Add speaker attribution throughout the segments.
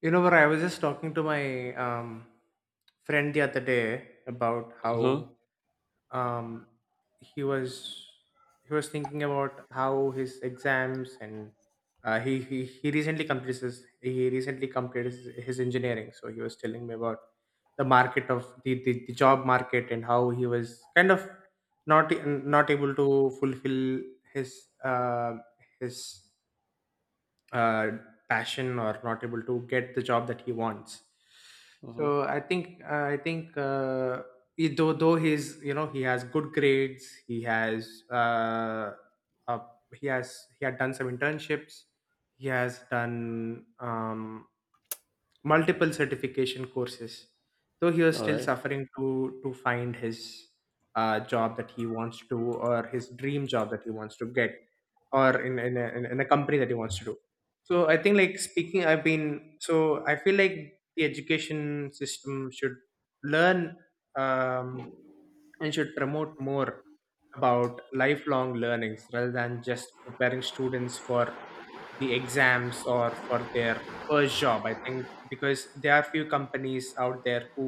Speaker 1: But I was just talking to my friend the other day about how
Speaker 2: Uh-huh.
Speaker 1: um, he was he was thinking about how his exams. And he recently completed his engineering. So he was telling me about the market of the job market and how he was kind of not able to fulfill his uh, his uh, passion, or not able to get the job that he wants.
Speaker 2: Uh-huh.
Speaker 1: So I think he- though he's, he has good grades, uh, he had done some internships, he has done multiple certification courses. Though he was
Speaker 2: All
Speaker 1: still
Speaker 2: right.
Speaker 1: suffering to find his job that he wants to, or his dream job that he wants to get, or in a company that he wants to do. So I think like speaking I've been so I feel like the education system should learn um, and should promote more about lifelong learnings, rather than just preparing students for the exams or for their first job, I think, because there are few companies out there who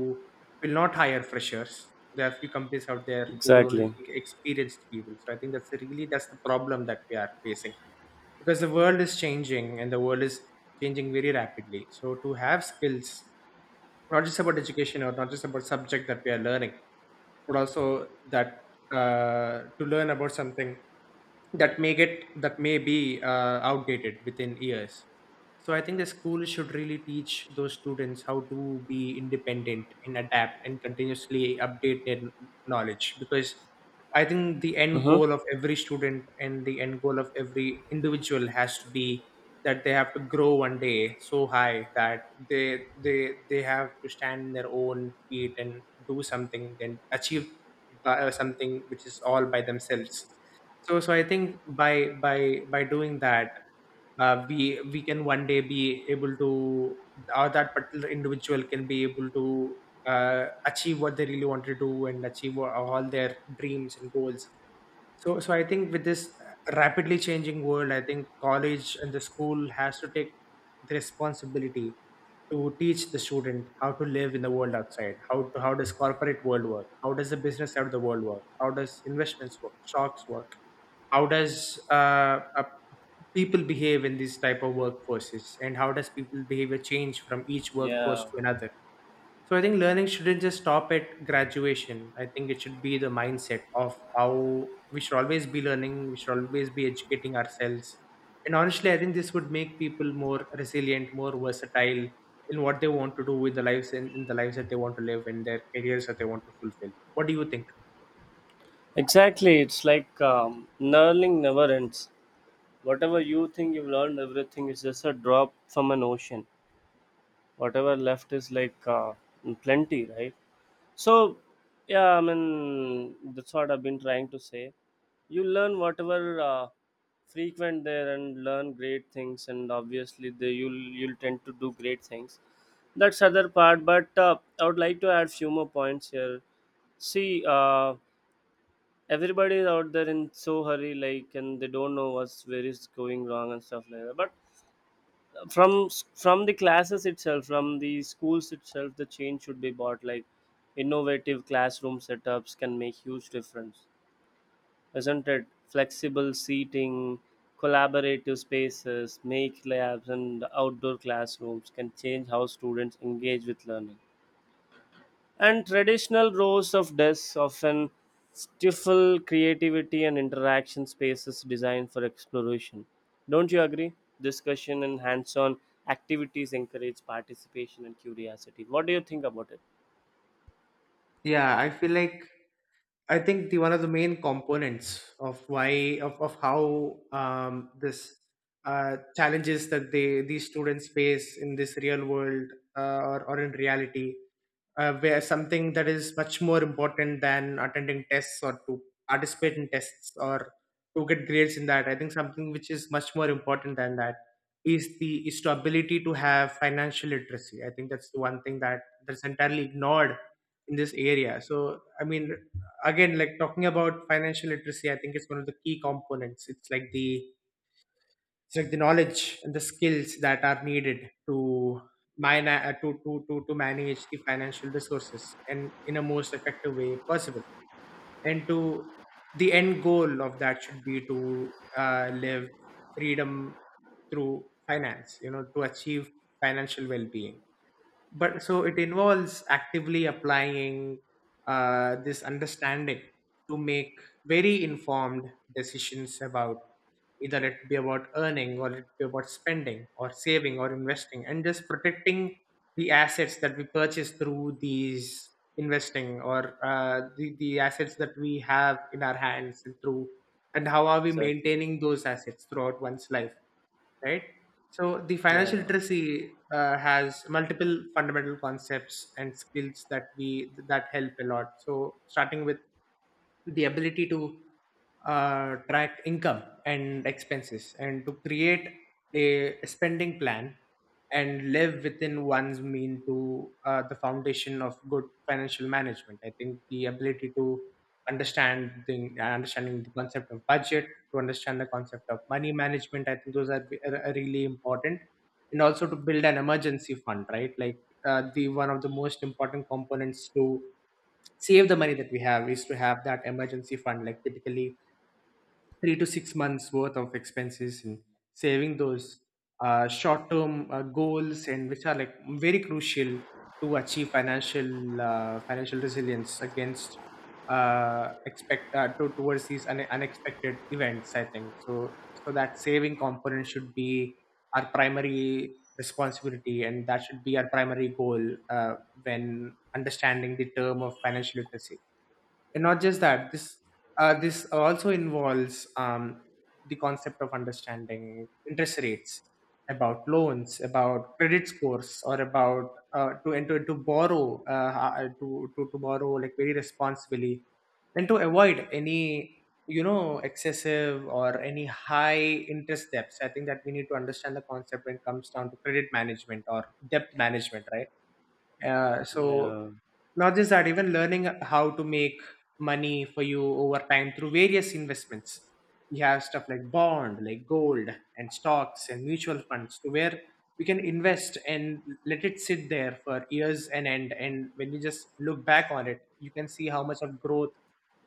Speaker 1: will not hire freshers. There are few companies out there who will only
Speaker 2: Exactly.
Speaker 1: take experienced people. So I think that's really that's the problem that we are facing, because the world is changing, and the world is changing very rapidly. So to have skills not just about education, or not just about subject that we are learning, but also that, to learn about something that may get that may be outdated within years. So I think the school should really teach those students how to be independent, and adapt, and continuously update their knowledge, because I think the end
Speaker 2: Uh-huh.
Speaker 1: goal of every student and the end goal of every individual has to be that they have to grow one day so high that they have to stand on their own feet, and do something, then achieve something which is all by themselves. So I think by doing that, we can one day be able to, or that particular individual can be able to achieve what they really want to do, and achieve all their dreams and goals. So I think, with this rapidly changing world, I think college and the school has to take the responsibility to teach the student how to live in the world outside. How does corporate world work? How does the business side of the world work? How does investments work? Stocks work? How does people behave in these type of workforces, and how does people behavior change from each workforce
Speaker 2: Yeah.
Speaker 1: to another? So I think learning shouldn't just stop at graduation. I think it should be the mindset of how we should always be learning, we should always be educating ourselves. And honestly, I think this would make people more resilient, more versatile, in what they want to do with the lives, and in the lives that they want to live, in their careers that they want to fulfill. What do you think?
Speaker 2: Exactly. It's like learning never ends. Whatever you think you've learned, everything is just a drop from an ocean. Whatever left is like plenty, right? So, yeah, I mean, that's what I've been trying to say. You learn whatever frequent there and learn great things, and obviously, you'll tend to do great things. That's other part, but I would like to add few more points here. See, everybody is out there in so hurry, like, and they don't know what's where is going wrong and stuff like that. But from from the classes itself, from the schools itself, the change should be bought like innovative classroom setups can make huge difference, isn't it? Flexible seating, collaborative spaces, make labs and outdoor classrooms can change how students engage with learning, and traditional rows of desks often stifle creativity and interaction spaces designed for exploration. Don't you agree? Discussion and hands on activities encourage participation and curiosity. What do you think about it?
Speaker 1: Yeah, I feel like, I think the one of the main components of how, this, challenges that they these students face in this real world, or in reality, where something that is much more important than attending tests, or to participate in tests, or to get grades in that. I think something which is much more important than that is the ability to have financial literacy. I think that's the one thing that that's entirely ignored in this area. So I mean, again, like, talking about financial literacy, I think it's one of the key components. It's like the knowledge and the skills that are needed to mine to manage the financial resources, and in a most effective way possible. And to, the end goal of that should be to live freedom through finance to achieve financial well-being. But so it involves actively applying this understanding to make very informed decisions about, either it be about earning, or it be about spending, or saving, or investing, and just protecting the assets that we purchase through these investing, or the assets that we have in our hands, and through, and how are we
Speaker 2: Exactly.
Speaker 1: maintaining those assets throughout one's life, right? So the financial
Speaker 2: Yeah,
Speaker 1: literacy has multiple fundamental concepts and skills that we that help a lot. So starting with the ability to track income and expenses, and to create a spending plan, and live within one's mean, to, the foundation of good financial management. I think the ability to understanding the concept of budget, to understand the concept of money management, I think those are, be- are really important. And also to build an emergency fund, right? Like, the one of the most important components to save the money that we have is to have that emergency fund, like, typically 3 to 6 months worth of expenses. And saving those short term goals, and which are like very crucial to achieve financial, financial resilience against, towards these unexpected events, I think. So so that saving component should be our primary responsibility, and that should be our primary goal, uh, when understanding the term of financial literacy. And not just that, this also involves the concept of understanding interest rates, about loans, about credit scores, or about to enter to borrow, to borrow like very responsibly, and to avoid any, excessive, or any high interest debts, I think, that we need to understand the concept when it comes down to credit management or debt management, right? So
Speaker 2: yeah,
Speaker 1: not just that, even learning how to make money for you over time through various investments. We have stuff like bond, like gold, and stocks, and mutual funds, to where we can invest and let it sit there for years and end. And when you just look back on it, you can see how much of growth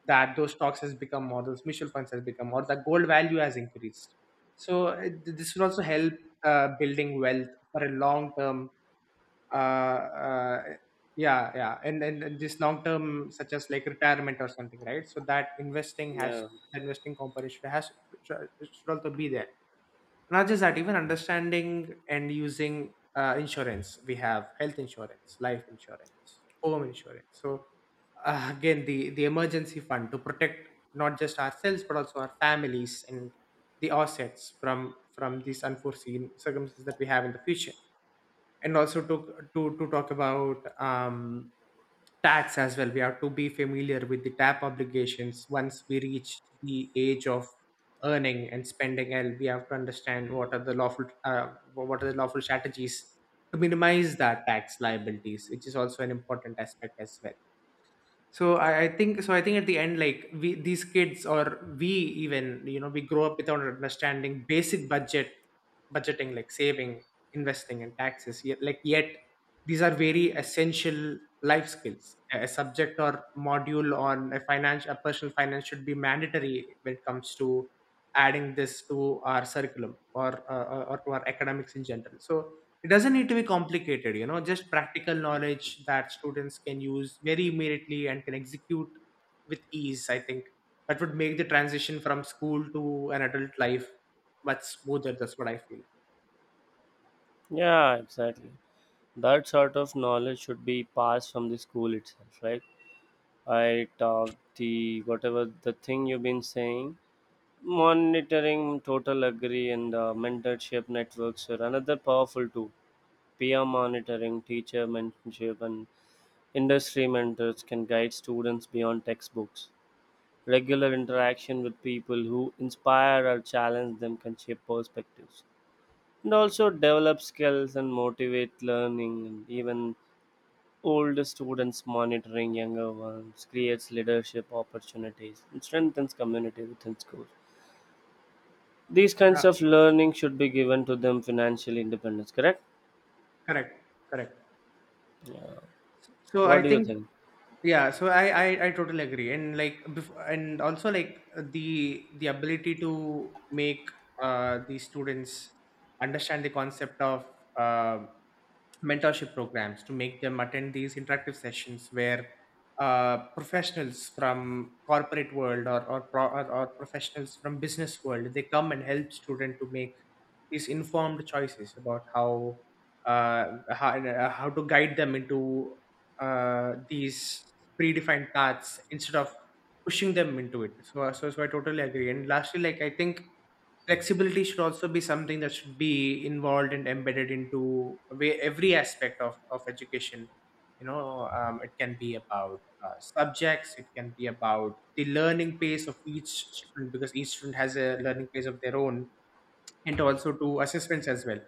Speaker 1: that those stocks has become, or those mutual funds has become, or the gold value has increased. So this will also help building wealth for a long term. uh, uh, yeah, yeah. And then this long term, such as like retirement or something, right? So that investing has
Speaker 2: yeah,
Speaker 1: the investing component should has should also be there. Not just that, even understanding and using insurance. We have health insurance, life insurance, home insurance. So again, the emergency fund to protect not just ourselves, but also our families and the assets from these unforeseen circumstances that we have in the future. And also to to talk about tax as well. We have to be familiar with the tap obligations once we reach the age of earning and spending. And we have to understand what are the lawful, what are the lawful strategies to minimize that tax liabilities, which is also an important aspect as well. So I think at the end, like, we these kids, or we, even, we grow up without understanding basic budgeting, like saving, investing, and taxes. Yet, like, yet these are very essential life skills. A subject or module on a personal finance should be mandatory when it comes to adding this to our curriculum, or or to our academics in general. So it doesn't need to be complicated, just practical knowledge that students can use very immediately and can execute with ease. I think that would make the transition from school to an adult life much smoother. That's what I feel.
Speaker 2: yeah, exactly. That sort of knowledge should be passed from the school itself, right? I talk the whatever the thing you've been saying. Monitoring, total agree, and mentorship networks are another powerful tool. Peer monitoring, teacher mentorship, and industry mentors can guide students beyond textbooks. Regular interaction with people who inspire or challenge them can shape perspectives and also develop skills and motivate learning. And even older students monitoring younger ones creates leadership opportunities and strengthens community within schools. These kinds
Speaker 1: Yeah,
Speaker 2: of learning should be given to them, financial independence, correct?
Speaker 1: correct, correct. So I
Speaker 2: What do you
Speaker 1: think,
Speaker 2: think?
Speaker 1: yeah, so I totally agree. And like, bef- and also like the ability to make the students understand the concept of um mentorship programs, to make them attend these interactive sessions where professionals from corporate world, or professionals from business world, they come and help student to make these informed choices about uh, how to guide them into these predefined paths, instead of pushing them into it. So I totally agree. And lastly, like, I think flexibility should also be something that should be involved and embedded into every aspect of education. It can be about subjects, it can be about the learning pace of each student, because each student has a learning pace of their own, and also to assessments as well.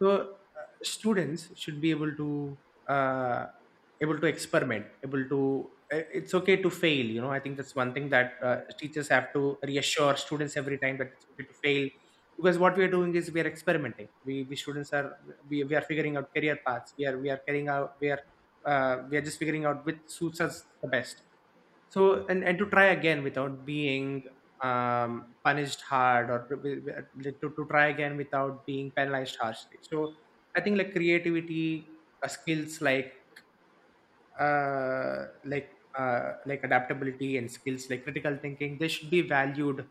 Speaker 1: So students should be able to, uh, experiment, able to It's okay to fail. I think that's one thing that teachers have to reassure students every time that it's okay to fail. Because what we are doing is we are experimenting. We students are we are figuring out career paths. We are carrying out, we are just figuring out which suits us the best. So and to try again without being punished hard, to try again without being penalized harshly. So I think like creativity, skills like uh, like like adaptability and skills like critical thinking, they should be valued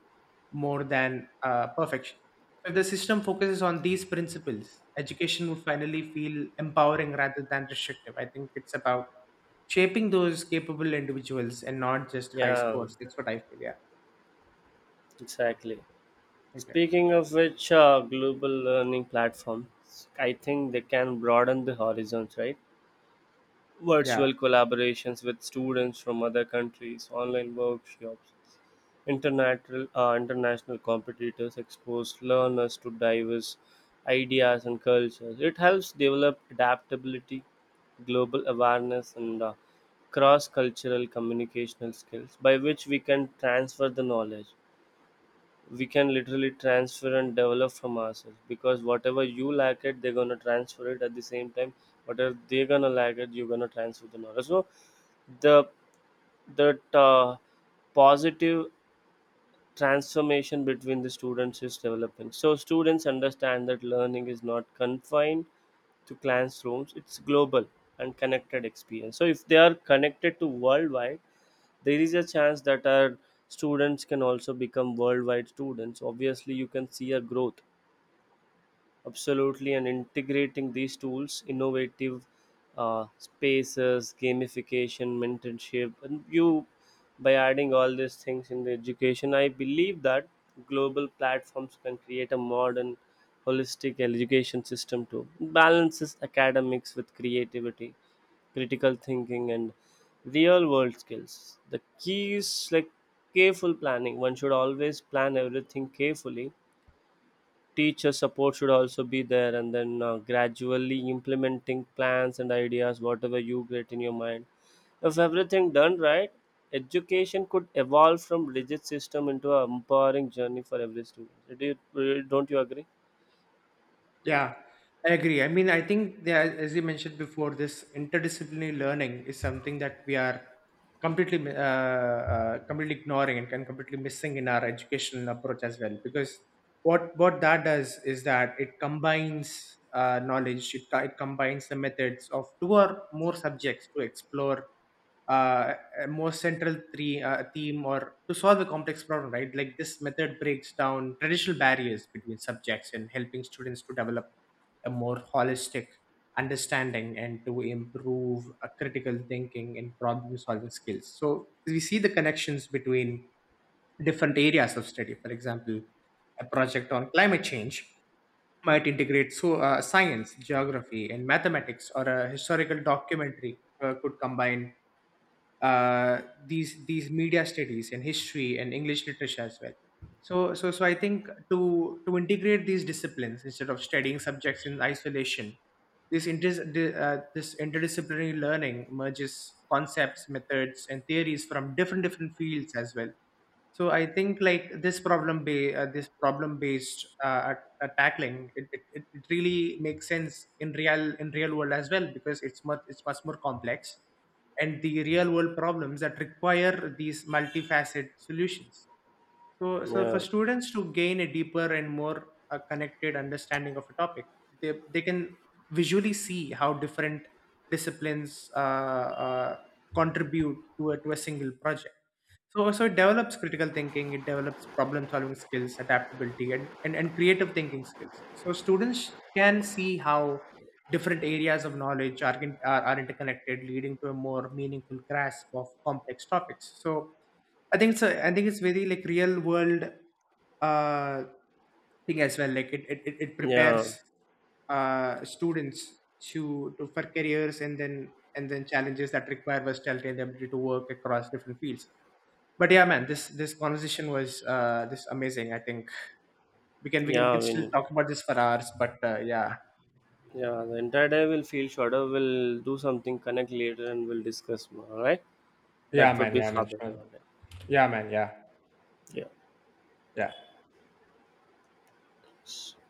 Speaker 1: more than perfection. If the system focuses on these principles, education would finally feel empowering rather than restrictive. I think it's about shaping those capable individuals and not just high
Speaker 2: Yeah,
Speaker 1: scores. That's what I feel. Yeah,
Speaker 2: exactly.
Speaker 1: exactly.
Speaker 2: Speaking of which, global learning platforms, I think they can broaden the horizons, right?
Speaker 1: Yeah.
Speaker 2: Virtual collaborations with students from other countries, online workshops, international, international competitors expose learners to diverse ideas and cultures. It helps develop adaptability, global awareness, and cross cultural communicational skills by which we can transfer the knowledge. We can literally transfer and develop from ourselves, because whatever you lack it, they're gonna transfer it at the same time. Whatever they're gonna lack it, you're gonna transfer the knowledge. So the, that positive transformation between the students is developing. So students understand that learning is not confined to classrooms; it's global and connected experience. So if they are connected to worldwide, there is a chance that our students can also become worldwide students. Obviously, you can see a growth. Absolutely, and integrating these tools, innovative spaces, gamification, mentorship, and you, by adding all these things in the education, I believe that global platforms can create a modern, holistic education system too. It balances academics with creativity, critical thinking, and real world skills. The key is like careful planning. One should always plan everything carefully, teacher support should also be there, and then gradually implementing plans and ideas whatever you get in your mind. If everything done right, education could evolve from rigid system into a empowering journey for every student. Do you, really, don't you agree?
Speaker 1: Yeah, I agree. I mean, I think there, as you mentioned before, this interdisciplinary learning is something that we are completely mi- uh, completely ignoring and can completely missing in our educational approach as well. Because what that does is that it combines knowledge, it combines the methods of two or more subjects to explore uh, a more central theme, or to solve a complex problem, right? Like this method breaks down traditional barriers between subjects and helping students to develop a more holistic understanding and to improve a critical thinking and problem solving skills. So we see the connections between different areas of study. For example, a project on climate change might integrate, so science, geography and mathematics, or a historical documentary could combine these media studies and history and English literature as well. So I think to integrate these disciplines instead of studying subjects in isolation, this this interdisciplinary learning merges concepts, methods, and theories from different fields as well. So I think like this problem based, at tackling it, it really makes sense in real world as well, because it's much more complex. And the real world problems that require these multifaceted solutions. So, so for
Speaker 2: Yeah,
Speaker 1: students to gain a deeper and more connected understanding of a topic, they can visually see how different disciplines contribute to to a single project. So it develops critical thinking, it develops problem solving skills, adaptability, and creative thinking skills. So students can see how different areas of knowledge are interconnected, leading to a more meaningful grasp of complex topics. So I think it's very like real world uh, thing as well. Like it, it
Speaker 2: yeah,
Speaker 1: prepares students to for careers and then challenges that require versatility and the ability to work across different fields. But yeah, man, this conversation was this amazing. I think we
Speaker 2: yeah,
Speaker 1: can
Speaker 2: I
Speaker 1: still
Speaker 2: mean,
Speaker 1: talk about this for hours, but yeah.
Speaker 2: yeah, the entire day will feel shorter. We'll do something, connect later, and we'll discuss more. All right,
Speaker 1: Yeah,
Speaker 2: that would
Speaker 1: man.
Speaker 2: be
Speaker 1: Yeah,
Speaker 2: far
Speaker 1: man.
Speaker 2: better.
Speaker 1: Sure.
Speaker 2: All right.
Speaker 1: Yeah, man. Yeah.
Speaker 2: Yeah,
Speaker 1: Yeah.
Speaker 2: yeah.